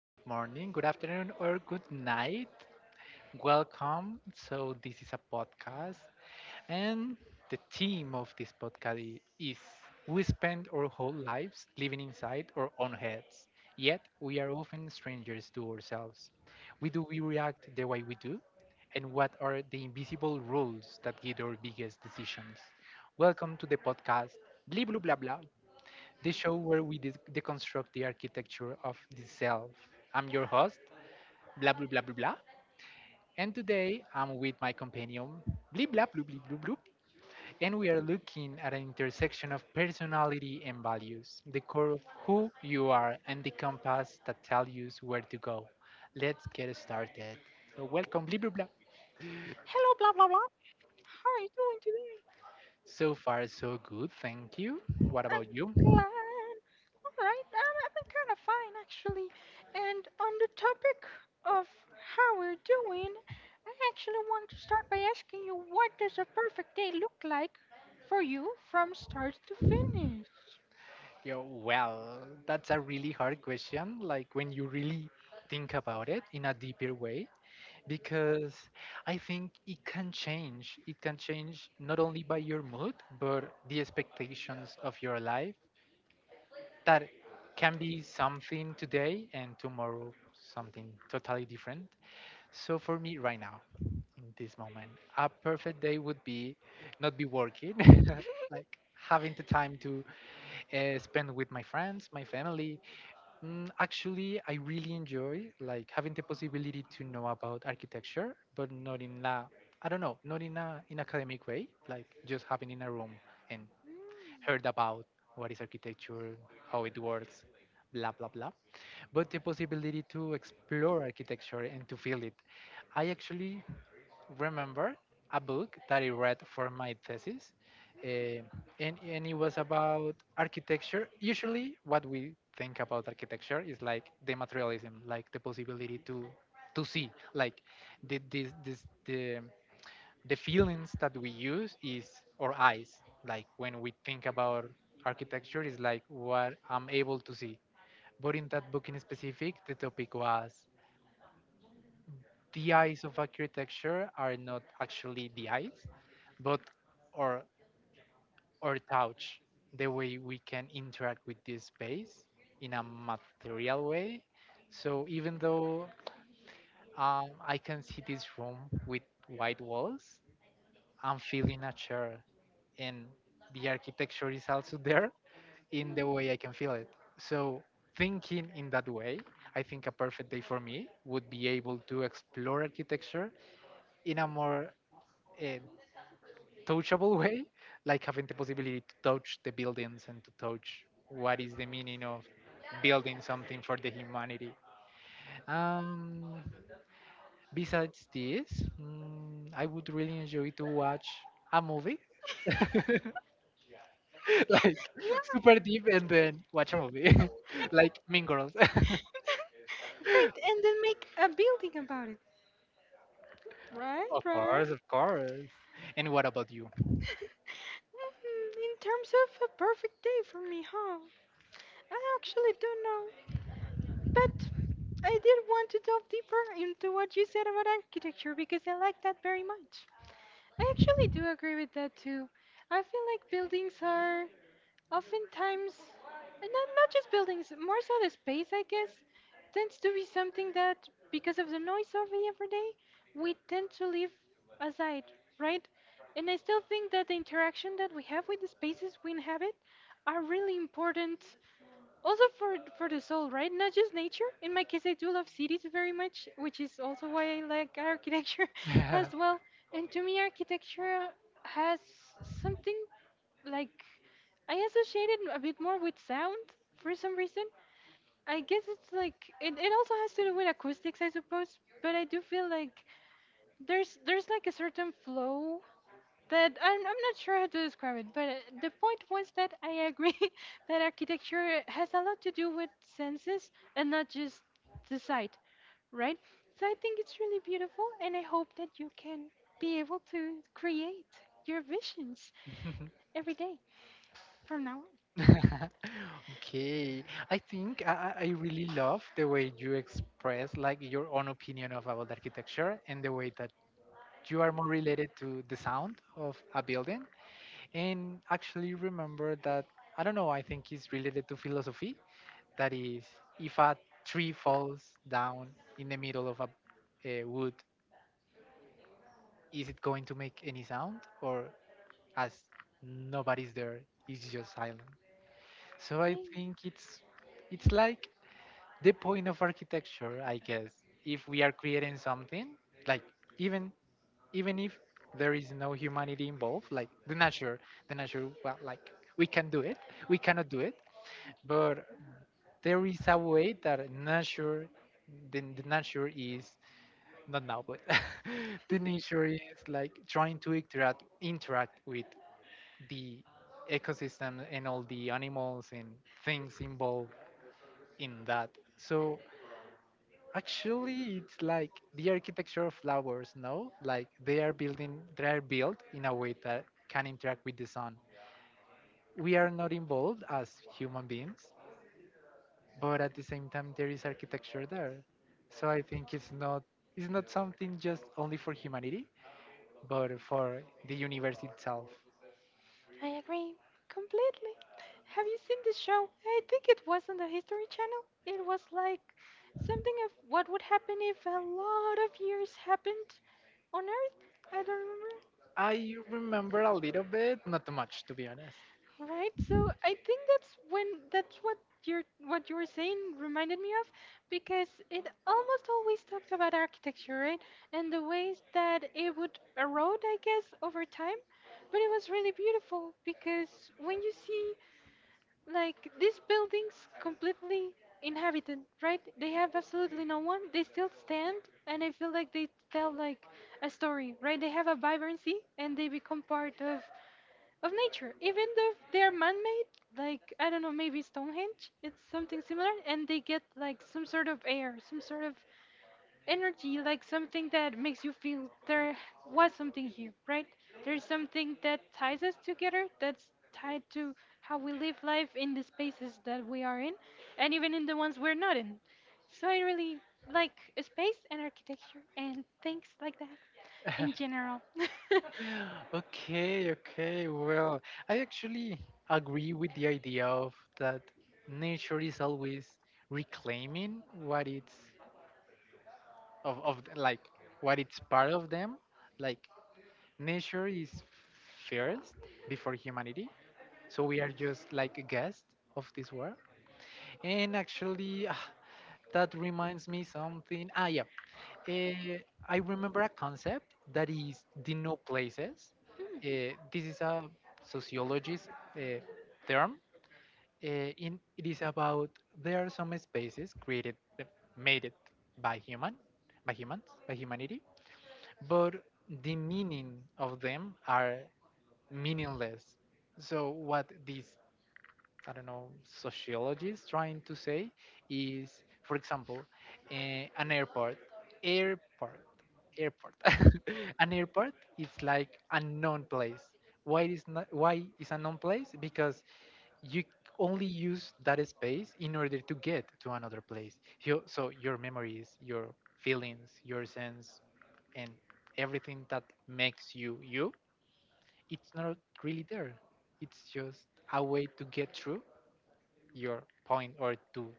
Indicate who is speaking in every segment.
Speaker 1: good morning, good afternoon, or good night. Welcome. So, this is a podcast, and the theme of this podcast is we spend our whole lives living inside our own heads, yet we are often strangers to ourselves. We react the way we do, and what are the invisible rules that guide our biggest decisions? Welcome to the podcast, Bli Blah Blah Blah, the show where we deconstruct the architecture of the self. I'm your host, blah blah blah blah blah, and today I'm with my companion, blah blah blah blah blah blah, and we are looking at an intersection of personality and values, the core of who you are, and the compass that tells you where to go. Let's get started. So welcome, blah blah blah.
Speaker 2: Hello, blah blah blah. How are you doing today?
Speaker 1: So far, so good. Thank you. What
Speaker 2: I'm
Speaker 1: about you?
Speaker 2: glad. All right, I've been kind of fine actually. And on the topic of how we're doing, I actually want to start by asking you, what does a perfect day look like for you from start to finish?
Speaker 1: Yo, well, that's a really hard question, like when you really think about it in a deeper way, because I think it can change. It can change not only by your mood, but the expectations of your life that can be something today and tomorrow something totally different. So for me right now, in this moment, a perfect day would be not be working, like having the time to spend with my friends, my family. Mm, actually, I really enjoy like having the possibility to know about architecture, but not in a, I don't know, not in a in academic way, like just having in a room and
Speaker 2: Mm.
Speaker 1: heard about what is architecture, how it works, blah blah blah. But the possibility to explore architecture and to feel it. I actually remember a book that I read for my thesis, eh, and it was about architecture. Usually, what we think about architecture is like the materialism, like the possibility to see, like the this this the feelings that we use is our eyes. Like when we think about architecture, is like what I'm able to see. But in that book in specific, the topic was the eyes of architecture are not actually the eyes, but or or touch, the way we can interact with this space in a material way. So even though I can see this room with white walls, I'm feeling a chair, and the architecture is also there in the way I can feel it. So thinking in that way, I think a perfect day for me would be able to explore architecture in a more uh, touchable way, like having the possibility to touch the buildings and to touch what is the meaning of building something for the humanity. Um, Besides this, mm, I would really enjoy to watch a movie. Like
Speaker 2: Yeah,
Speaker 1: super deep and then watch a movie like Mean Girls.
Speaker 2: great. And then make a building about it. Right,
Speaker 1: Of
Speaker 2: right.
Speaker 1: course, of course. And what about you?
Speaker 2: Mhm, in terms of a perfect day for me, huh? I actually don't know. But I did want to delve deeper into what you said about architecture because I like that very much. I actually do agree with that too. I feel like buildings are oftentimes, and not just buildings, more so the space, I guess, tends to be something that, because of the noise of the everyday, we tend to leave aside, right? And I still think that the interaction that we have with the spaces we inhabit are really important, also for the soul, right? Not just nature. In my case, I do love cities very much, which is also why I like architecture as well. And to me, architecture has something, like, I associate it a bit more with sound for some reason. I guess it's like it also has to do with acoustics, I suppose. But I do feel like there's like a certain flow that I'm not sure how to describe it. But the point was that I agree that architecture has a lot to do with senses, and not just the sight, right? So I think it's really beautiful, and I hope that you can be able to create your visions every day from now on.
Speaker 1: Okay, I think I really love the way you express like your own opinion of about architecture and the way that you are more related to the sound of a building. And actually remember that I don't know, I think it's related to philosophy. That is, if a tree falls down in the middle of a wood, is it going to make any sound or as nobody's there, it's just silent. So I think it's like the point of architecture, I guess, if we are creating something, like even even if there is no humanity involved, like the nature, well, like we can do it, we cannot do it, but there is a way that nature, the nature is not now, but the nature is like trying to interact with the ecosystem and all the animals and things involved in that. So actually, it's like the architecture of flowers, no? Like they are building, they are built in a way that can interact with the sun. We are not involved as human beings, but at the same time, there is architecture there. So I think it's not something just only for humanity, but for the universe itself.
Speaker 2: I agree completely. Have you seen this show? I think it was on the History Channel. It was like something of what would happen if a lot of years happened on Earth. I don't remember.
Speaker 1: I remember a little bit, not too much to be honest.
Speaker 2: Right, so I think that's what you're what you were saying reminded me of, because it almost always talked about architecture, right? And the ways that it would erode, I guess, over time. But it was really beautiful because when you see like these buildings completely inhabited, right? They have absolutely no one. They still stand, and I feel like they tell like a story, right? They have a vibrancy, and they become part of nature, even though they're man-made. Like, I don't know, maybe Stonehenge. It's something similar, and they get like some sort of air, some sort of energy, like something that makes you feel there was something here, right? There's something that ties us together. That's tied to how we live life in the spaces that we are in, and even in the ones we're not in. So I really like space and architecture and things like that in general.
Speaker 1: Okay, okay. Well, I actually agree with the idea of that nature is always reclaiming what it's like what it's part of them. Like nature is first before humanity. So we are just like a guest of this world. And actually, ah, that reminds me something. Ah, yeah. Uh, I remember a concept that is the no places.
Speaker 2: Mm.
Speaker 1: This is a sociologist uh, term. Uh, it is about there are some spaces created, made it by human, by humans, by humanity, but the meaning of them are meaningless. So what this I don't know, sociologists trying to say is, for example, an airport. Airport. Airport. An airport is like a known place. Why is not, why is a known place? Because you only use that space in order to get to another place. So your memories, your feelings, your sense, and everything that makes you you, it's not really there. It's just a way to get through your point or to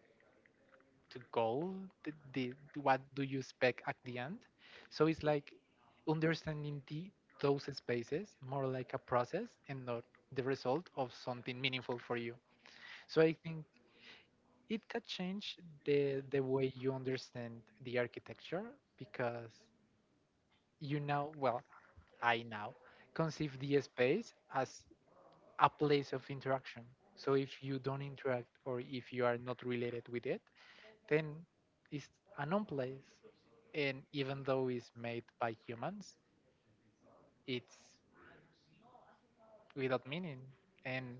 Speaker 1: goal the what do you expect at the end. So it's like understanding the those spaces more like a process and not the result of something meaningful for you. So I think it can change the way you understand the architecture because you now well I now conceive the space as a place of interaction. So if you don't interact or if you are not related with it, then it's a known place. And even though it's made by humans, it's without meaning. And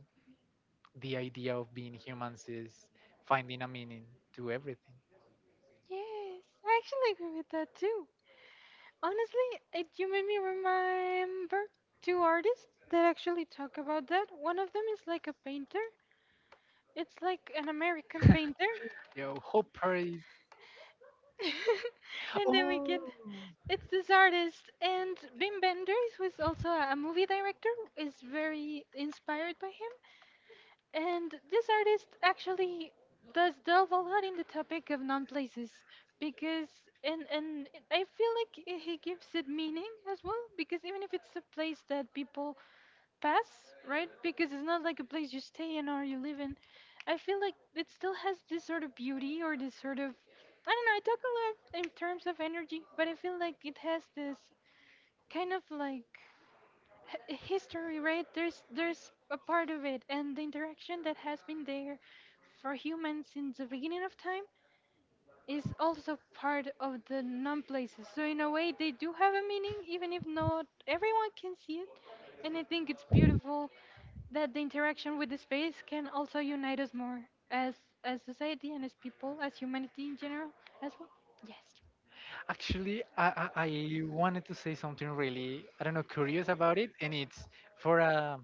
Speaker 1: the idea of being humans is finding a meaning to everything.
Speaker 2: Yes, I actually agree with that too. Honestly, it you made me remember two artists that actually talk about that. One of them is like a painter. It's like an American painter.
Speaker 1: Yo, Hopper is.
Speaker 2: and then we
Speaker 1: Oh,
Speaker 2: get It's this artist and Wim Wenders, who is also a movie director, is very inspired by him. And this artist actually does delve a lot in the topic of non places, because and i- feel like he gives it meaning as well, because even if it's a place that people pass, right? Because it's not like a place you stay in or you live in. I feel like it still has this sort of beauty or this sort of, I don't know, I talk a lot in terms of energy, but I feel like it has this kind of like history, right? There's a part of it, and the interaction that has been there for humans since the beginning of time is also part of the non-places. So in a way, they do have a meaning, even if not everyone can see it. And I think it's beautiful that the interaction with the space can also unite us more as as society and as people, as humanity in general as well. Yes.
Speaker 1: actually, I wanted to say something really I don't know curious about it, and it's for a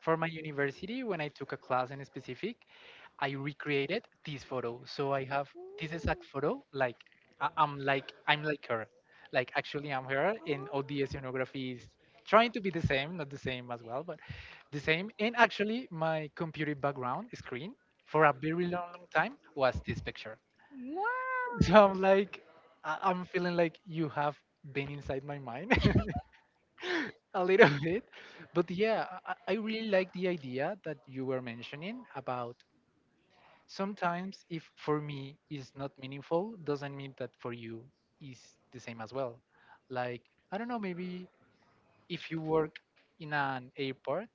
Speaker 1: for my university, when I took a class in specific, I recreated this photo. So I have this exact photo.
Speaker 2: Ooh.
Speaker 1: Like I'm like her. Like actually I'm her, and all the
Speaker 2: Oh.
Speaker 1: scenography is trying to be the same, not the same as well, but the same. And actually, my computer background screen for a very long, long time was this picture.
Speaker 2: Wow!
Speaker 1: So I'm like, I'm feeling like you have been inside my mind. A little bit. But yeah, I really like the idea that you were mentioning about sometimes if for me is not meaningful, doesn't mean that for you is the same as well. Like, I don't know, maybe if you work in an airport,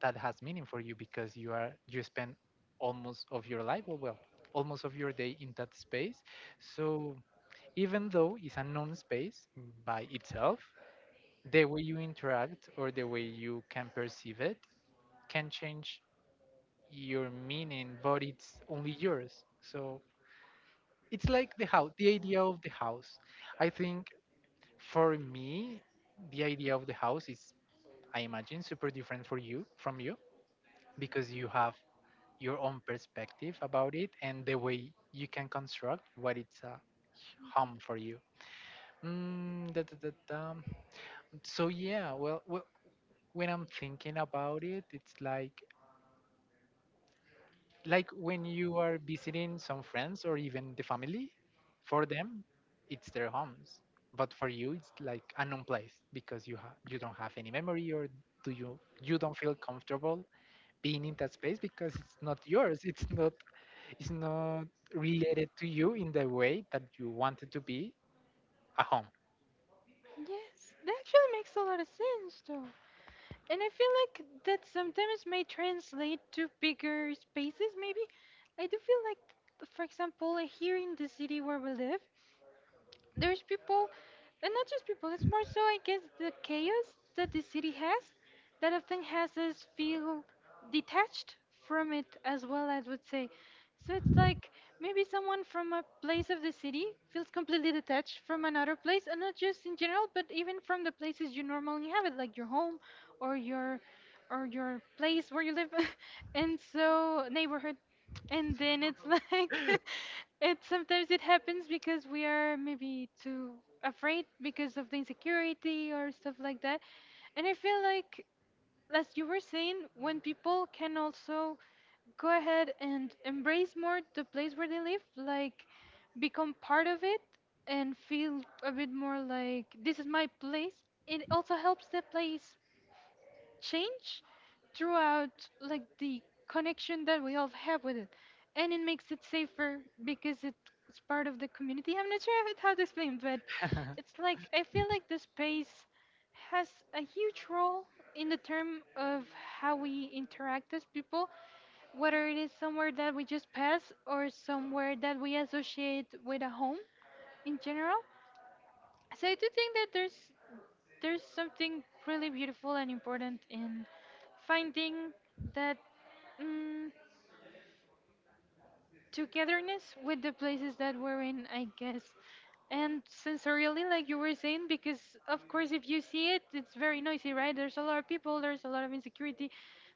Speaker 1: that has meaning for you because you spend almost of your life, almost of your day in that space. So even though it's a known space by itself, the way you interact or the way you can perceive it can change your meaning, but it's only yours. So it's like the house, the idea of the house. I think for me, the idea of the house is, I imagine, super different for you from you because you have your own perspective about it and the way you can construct what it's a home for you. Mm, da, da, da, da. So yeah, when I'm thinking about it, it's like when you are visiting some friends or even the family, for them it's their homes, but for you it's like a known place because you don't have any memory or do you you don't feel comfortable being in that space because it's not yours, it's not related to you in the way that you want it to be a home.
Speaker 2: Yes, that actually makes a lot of sense, though. And I feel like that sometimes may translate to bigger spaces, maybe. I do feel like, for example, here in the city where we live, there's people, and not just people, it's more so, I guess, the chaos that the city has that often has us feel detached from it as well, I would say. So it's like maybe someone from a place of the city feels completely detached from another place, and not just in general, but even from the places you normally have it, like your home or your or your place where you live, and so neighborhood. And then it's like, it sometimes it happens because we are maybe too afraid because of the insecurity or stuff like that. And I feel like, as you were saying, when people can also go ahead and embrace more the place where they live, like become part of it and feel a bit more like this is my place, it also helps the place change throughout, like, the connection that we all have with it, and it makes it safer because it's part of the community. I'm not sure how to explain, but it's like, I feel like the space has a huge role in the term of how we interact as people, whether it is somewhere that we just pass or somewhere that we associate with a home in general. So I do think that there's something really beautiful and important in finding that mm, togetherness with the places that we're in, I guess. And sensorially, like you were saying, because of course, if you see it, it's very noisy, right? There's a lot of people, there's a lot of insecurity.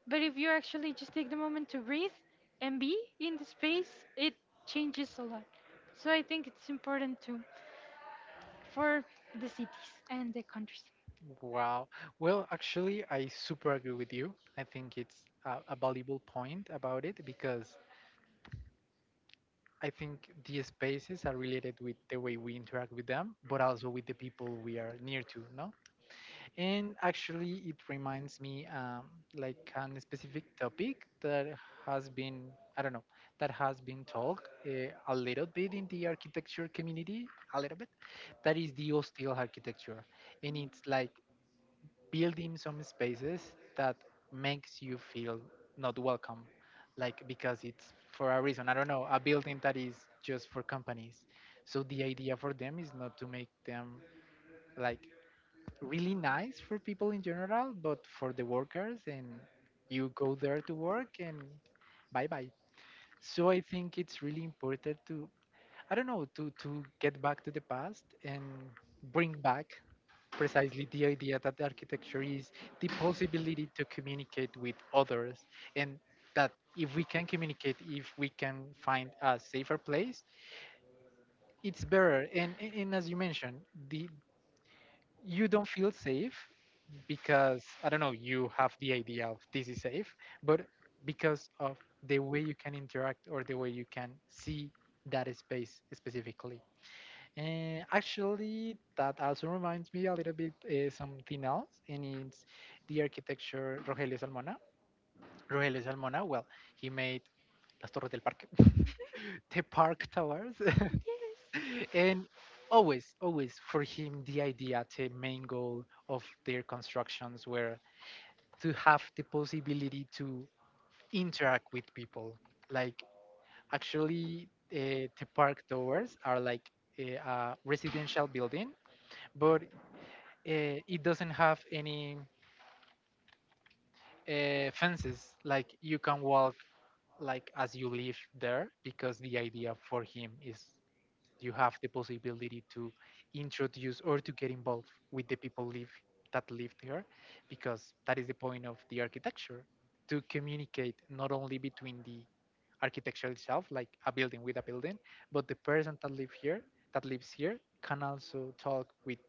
Speaker 2: But if you actually just take the moment to breathe and be in the space, it changes a lot. So I think it's important too, for the cities and the countries.
Speaker 1: Wow. Well, actually, I super agree with you. I think it's a valuable point about it because I think these spaces are related with the way we interact with them, but also with the people we are near to, no? And actually, it reminds me like on a specific topic that has been, I don't know, that has been talked a little bit in the architecture community, a little bit, that is the hostile architecture. And it's like building some spaces that makes you feel not welcome, like because it's for a reason, I don't know, a building that is just for companies. So the idea for them is not to make them, like, really nice for people in general, but for the workers, and you go there to work and bye bye. So I think it's really important to, I don't know, to get back to the past and bring back precisely the idea that the architecture is the possibility to communicate with others. And that if we can communicate, if we can find a safer place, it's better, and as you mentioned, the you don't feel safe because, I don't know, you have the idea of this is safe, but because of the way you can interact or the way you can see that space specifically. And actually, that also reminds me a little bit something else, and it's the architecture Rogelio Salmona. Rogelio Salmona, well, he made Las Torres del Parque, the park towers,
Speaker 2: Yes.
Speaker 1: and always, always for him, the idea, the main goal of their constructions were to have the possibility to interact with people. Like, actually, the park towers are like a residential building, but it doesn't have any fences, like you can walk, like as you live there, because the idea for him is you have the possibility to introduce or to get involved with the people live that live there, because that is the point of the architecture to communicate not only between the architecture itself, like a building with a building, but the person that live here that lives here can also talk with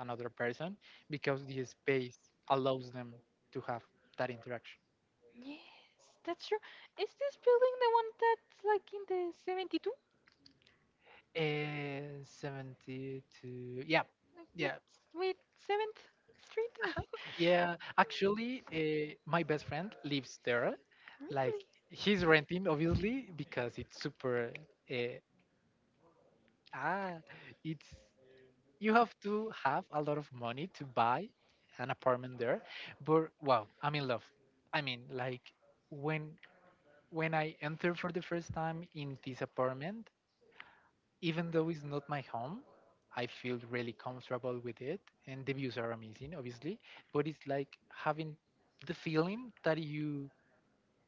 Speaker 1: another person because the space allows them to have that interaction.
Speaker 2: Yes, that's true. Is this building the one that's like in the 72?
Speaker 1: 72, yeah
Speaker 2: Like with
Speaker 1: yeah.
Speaker 2: with 7th Street?
Speaker 1: Yeah, actually, my best friend lives there. Like,
Speaker 2: Really?
Speaker 1: he's renting, obviously, because it's super. Uh, ah, it's, you have to have a lot of money to buy an apartment there. But wow, I'm in love. I mean, like, when when I entered for the first time in this apartment, even though it's not my home, I feel really comfortable with it, and the views are amazing, obviously. But it's like having the feeling that you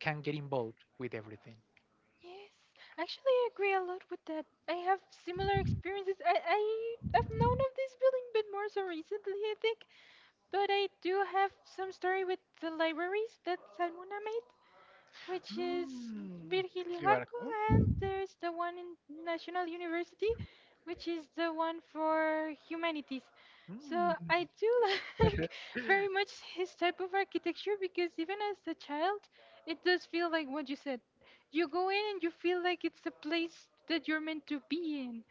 Speaker 1: can get involved with everything.
Speaker 2: Yes. Actually, I agree a lot with that. I have similar experiences. I have known of this building, but more so recently, I think. But I do have some story with the libraries that Salmona made, which is
Speaker 1: Mm,
Speaker 2: Virgilio
Speaker 1: you are
Speaker 2: Barco,
Speaker 1: cool.
Speaker 2: and there's the one in National University, which is the one for humanities. So
Speaker 1: Mm,
Speaker 2: I do like very much his type of architecture because even as a child, it does feel like what you said. You go in and you feel like it's a place that you're meant to be in.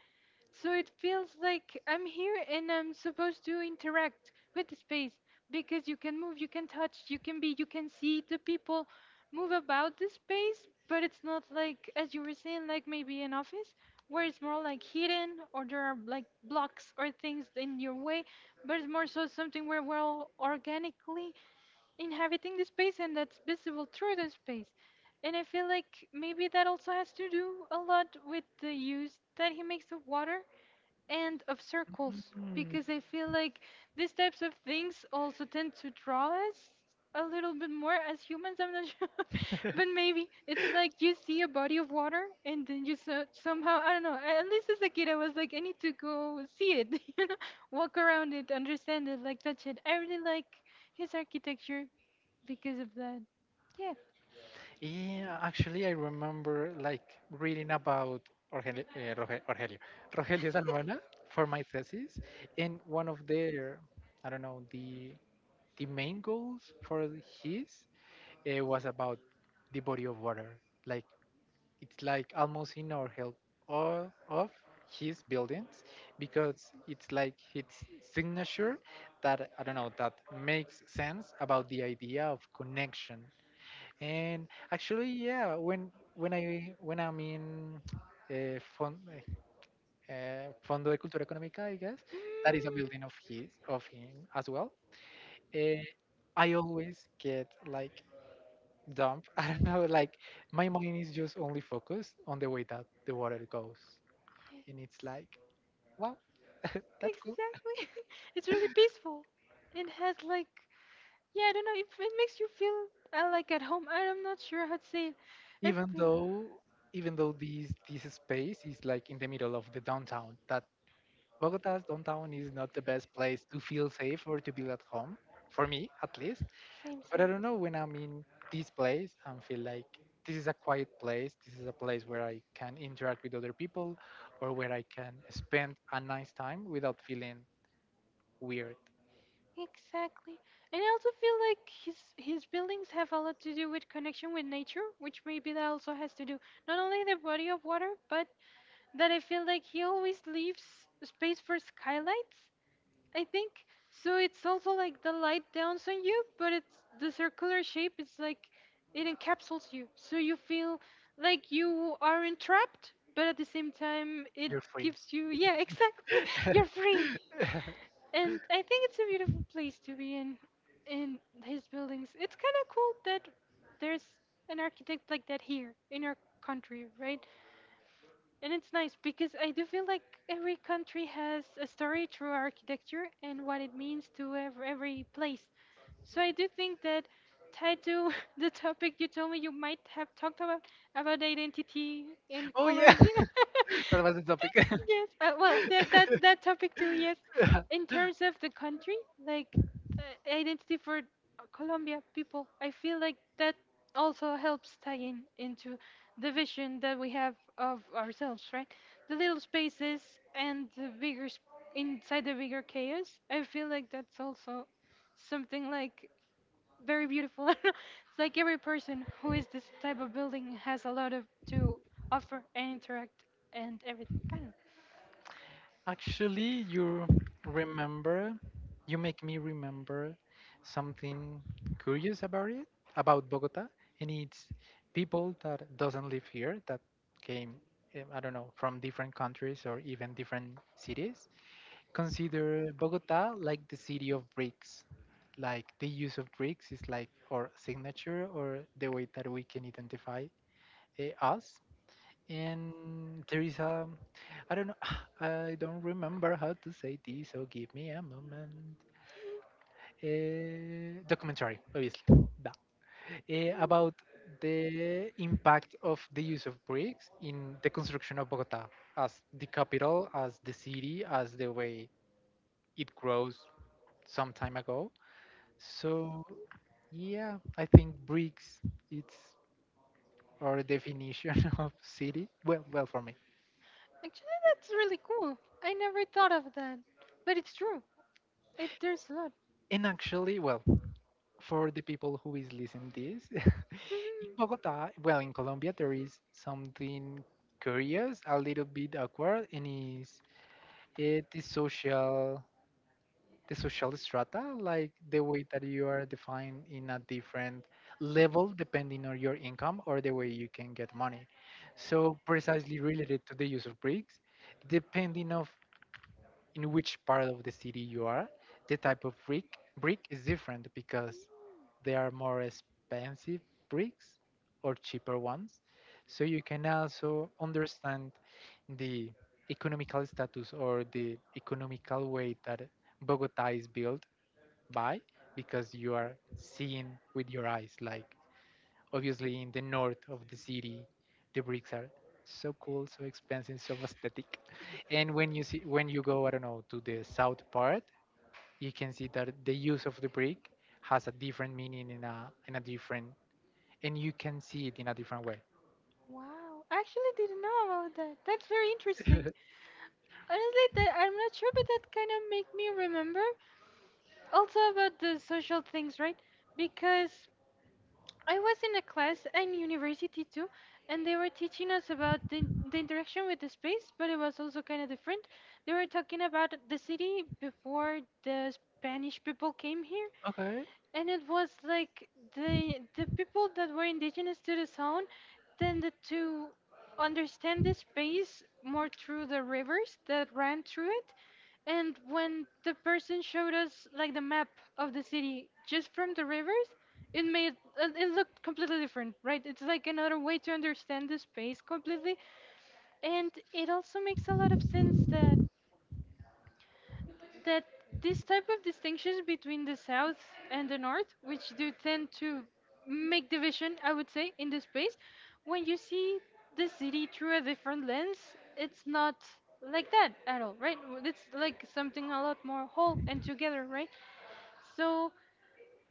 Speaker 2: So it feels like I'm here and I'm supposed to interact with the space, because you can move, you can touch, you can be, you can see the people move about the space, but it's not like, as you were saying, like maybe an office where it's more like hidden or there are like blocks or things in your way, but it's more so something where we're all organically inhabiting the space, and that's visible through the space. And I feel like maybe that also has to do a lot with the use that he makes of water and of circles,
Speaker 1: mm.
Speaker 2: because I feel like these types of things also tend to draw us a little bit more as humans. I'm not sure, but maybe it's like you see a body of water and then you somehow, I don't know. At least as a kid, I was like, I need to go see it, you know, walk around it, understand it, like touch it. I really like his architecture because of that. Yeah.
Speaker 1: Yeah, actually, I remember like reading about Rogelio, uh, Roge- Rogelio, Rogelio Salmona for my thesis, and one of their, I don't know, the main goals for his, it was about the body of water. Like, it's like almost in our help, all of his buildings, because it's like its signature, that, I don't know, that makes sense about the idea of connection. And actually, yeah, when I'm in uh, fond, Fondo de Cultura Económica, I guess
Speaker 2: Mm.
Speaker 1: that is a building of his of him as well. Uh, I always get like dump. I don't know. Like, my mind is just only focused on the way that the water goes, and it's like, wow, that's cool.
Speaker 2: Exactly. It's really peaceful. It has like, yeah, I don't know if it makes you feel like at home. I'm not sure how to say it. It
Speaker 1: Even
Speaker 2: feel.
Speaker 1: though, even though this space is like in the middle of the downtown. That Bogota's downtown is not the best place to feel safe or to be at home, for me at least.
Speaker 2: Same.
Speaker 1: But I don't know, when I'm in this place I feel like, this is a quiet place. This is a place where I can interact with other people or where I can spend a nice time without
Speaker 2: Same.
Speaker 1: feeling weird.
Speaker 2: Exactly. And I also feel like his buildings have a lot to do with connection with nature, which maybe that also has to do not only the body of water, but that I feel like he always leaves space for skylights, I think. So it's also like the light downs on you, but it's the circular shape is like it encapsulates you. So you feel like you aren't trapped, but at the same time it
Speaker 1: You're free.
Speaker 2: gives you, yeah, exactly. You're free. And I think it's a beautiful place to be in his buildings. It's kind of cool that there's an architect like that here in our country, right? And it's nice because I do feel like every country has a story through architecture and what it means to every place. So I do think that, tied to the topic you told me you might have talked about identity in
Speaker 1: Oh yeah,
Speaker 2: Colombia.
Speaker 1: that was the topic.
Speaker 2: Yes, well, that topic too. Yes, in terms of the country, like uh, identity for Colombia people, I feel like that also helps tie in into the vision that we have of ourselves, right? The little spaces and the inside the bigger chaos. I feel like that's also something like very beautiful. It's like every person who is this type of building has a lot of to offer and interact and everything.
Speaker 1: Actually, you remember, you make me remember something curious about it, about Bogota, and it's people that doesn't live here that came, I don't know, from different countries or even different cities, consider Bogota like the city of bricks. Like the use of bricks is like our signature, or the way that we can identify, eh, us, and there is a, I don't know, I don't remember how to say this, so give me a moment. Documentary, obviously, da. Eh, about the impact of the use of bricks in the construction of Bogota as the capital, as the city, as the way it grows some time ago. So yeah, I think bricks, it's our definition of city. Well, well for me.
Speaker 2: Actually, that's really cool. I never thought of that, but it's true. It there's a lot.
Speaker 1: And actually, well, for the people who is listening this in Bogota, well, in Colombia, there is something curious, a little bit awkward, and is it the social, the social strata, like the way that you are defined in a different level depending on your income or the way you can get money. So, precisely related to the use of bricks, depending of in which part of the city you are, the type of brick is different because they are more expensive bricks or cheaper ones. So you can also understand the economical status or the economical way that Bogota is built by, because you are seeing with your eyes, like, obviously in the north of the city the bricks are so cool, so expensive, so aesthetic, and when you see, when you go, I don't know, to the south part, you can see that the use of the brick has a different meaning in a, in a different, and you can see it in a different way.
Speaker 2: Wow, I actually didn't know about that. That's very interesting. Honestly, that I'm not sure, but that kind of make me remember also about the social things, right? Because I was in a class in university too, and they were teaching us about the interaction with the space, but it was also kind of different. They were talking about the city before the Spanish people came here,
Speaker 1: Okay.
Speaker 2: and it was like the people that were indigenous to the zone tended to understand the space more through the rivers that ran through it. And when the person showed us like the map of the city just from the rivers, it made it looked completely different, right? It's like another way to understand the space completely. And it also makes a lot of sense that this type of distinctions between the south and the north, which do tend to make division I would say in the space, when you see the city through a different lens, it's not like that at all, right? It's like something a lot more whole and together, right? So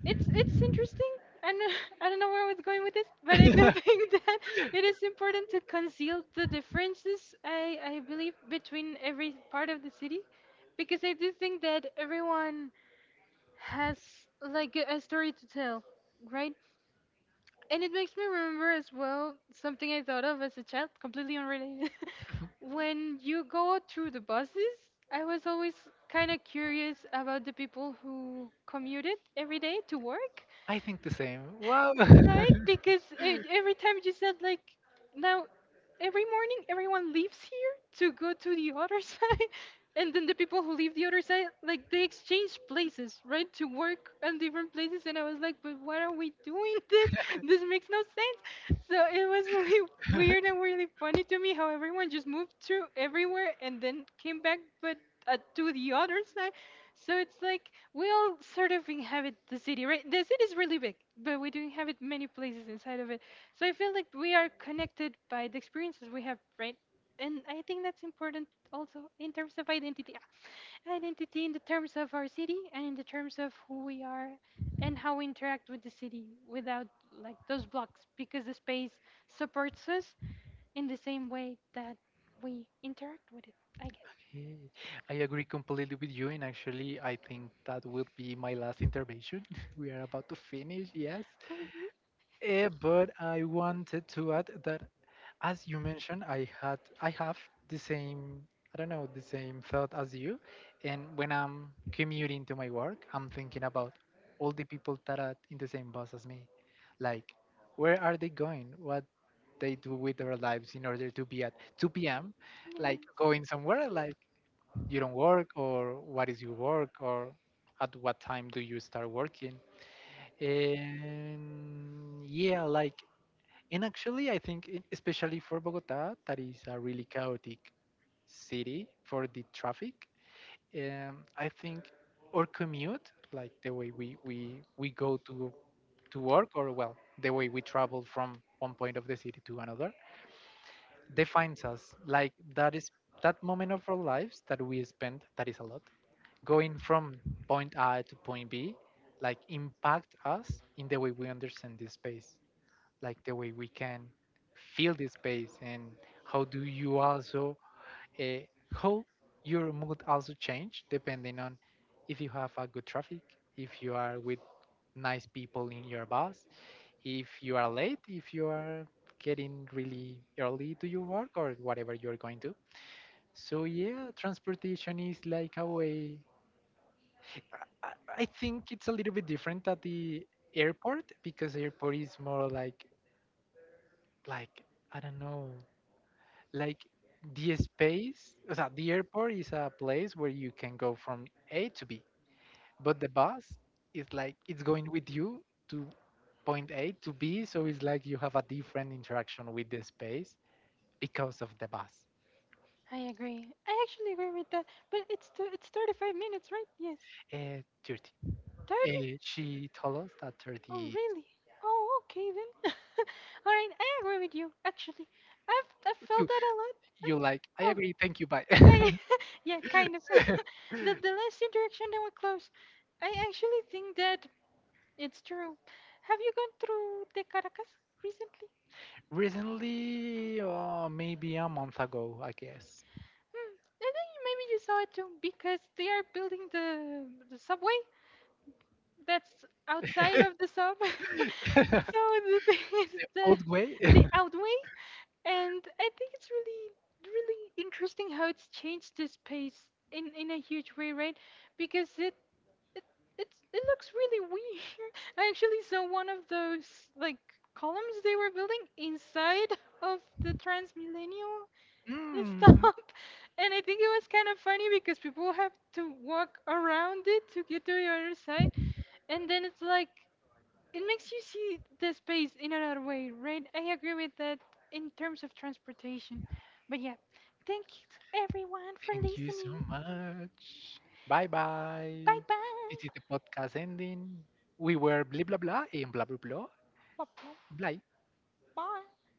Speaker 2: it's interesting, and I don't know where I was going with this, but I do think that it is important to conceal the differences, I believe, between every part of the city, because I do think that everyone has like a story to tell, right? And it makes me remember as well something I thought of as a child, completely unrelated. When you go through the buses, I was always kind of curious about the people who commuted every day to work,
Speaker 1: I think the same, wow.
Speaker 2: right? Because every time you said like, now every morning everyone leaves here to go to the other side, and then the people who leave the other side like they exchange places, right, to work on different places. And I was like, but why are we doing this? This makes no sense. So it was really weird and really funny to me how everyone just moved through everywhere and then came back, but. To the other side, so it's like we all sort of inhabit the city, right? The city is really big, but we do inhabit many places inside of it. So I feel like we are connected by the experiences we have, right? And I think that's important also in terms of identity. Identity in the terms of our city and in the terms of who we are and how we interact with the city without like those blocks, because the space supports us in the same way that we interact with it, I guess.
Speaker 1: Okay, I agree completely with you, and actually, I think that will be my last intervention. We are about to finish, yes. Eh, but I wanted to add that, as you mentioned, I have the same, I don't know, the same thought as you, and when I'm commuting to my work, I'm thinking about all the people that are in the same bus as me, like, where are they going? What they do with their lives in order to be at 2 p.m.
Speaker 2: Really?
Speaker 1: like going somewhere, like,
Speaker 2: Yes.
Speaker 1: you don't work, or what is your work, or at what time do you start working? And yeah, like, and actually, I think, especially for Bogota, that is a really chaotic city for the traffic. I think our commute, like the way we go to work, or well, the way we travel from one point of the city to another, defines us. Like, that is that moment of our lives that we spend, that is a lot, going from point A to point B, like, impact us in the way we understand this space, like the way we can feel the space. And how do you also, uh, how your mood also change depending on, if you have a good traffic, if you are with nice people in your bus, if you are late, if you are getting really early to your work or whatever you're going to. So yeah, transportation is like a way, i I think it's a little bit different at the airport, because airport is more like, I don't know, like, the space, o sea, the airport is a place where you can go from A to B, but the bus is like it's going with you to point A to B, so it's like you have a different interaction with the space because of the bus.
Speaker 2: I agree. I actually agree with that. But it's it's 35 minutes, right? Yes.
Speaker 1: 30.
Speaker 2: 30?
Speaker 1: She told us that
Speaker 2: Oh,
Speaker 1: 30
Speaker 2: really? Oh, okay then. All right, I agree with you. Actually, I've felt
Speaker 1: too.
Speaker 2: that a lot. I-
Speaker 1: You like, I
Speaker 2: oh,
Speaker 1: agree, thank you, bye.
Speaker 2: I, yeah, kind of. The last interaction that we close, I actually think that it's true. Have you gone through the Caracas recently?
Speaker 1: Recently, or maybe a month ago, I guess.
Speaker 2: Hmm, I think maybe you saw it too because they are building the subway. That's outside of the sub. So the thing is the
Speaker 1: Old way.
Speaker 2: they outweigh, and I think it's really really interesting how it's changed the space in a huge way, right? Because it it looks really weird. I actually saw one of those like columns they were building inside of the Transmillennial
Speaker 1: Mm.
Speaker 2: stop. And I think it was kind of funny because people have to walk around it to get to the other side, and then it's like it makes you see the space in another way, right? I agree with that in terms of transportation. But yeah, thank you to everyone for
Speaker 1: Thank you so
Speaker 2: listening.
Speaker 1: much. Bye bye.
Speaker 2: Bye
Speaker 1: This
Speaker 2: bye.
Speaker 1: is the podcast ending. We were blah blah blah and blah blah blah.
Speaker 2: Bye
Speaker 1: Blah.
Speaker 2: bye.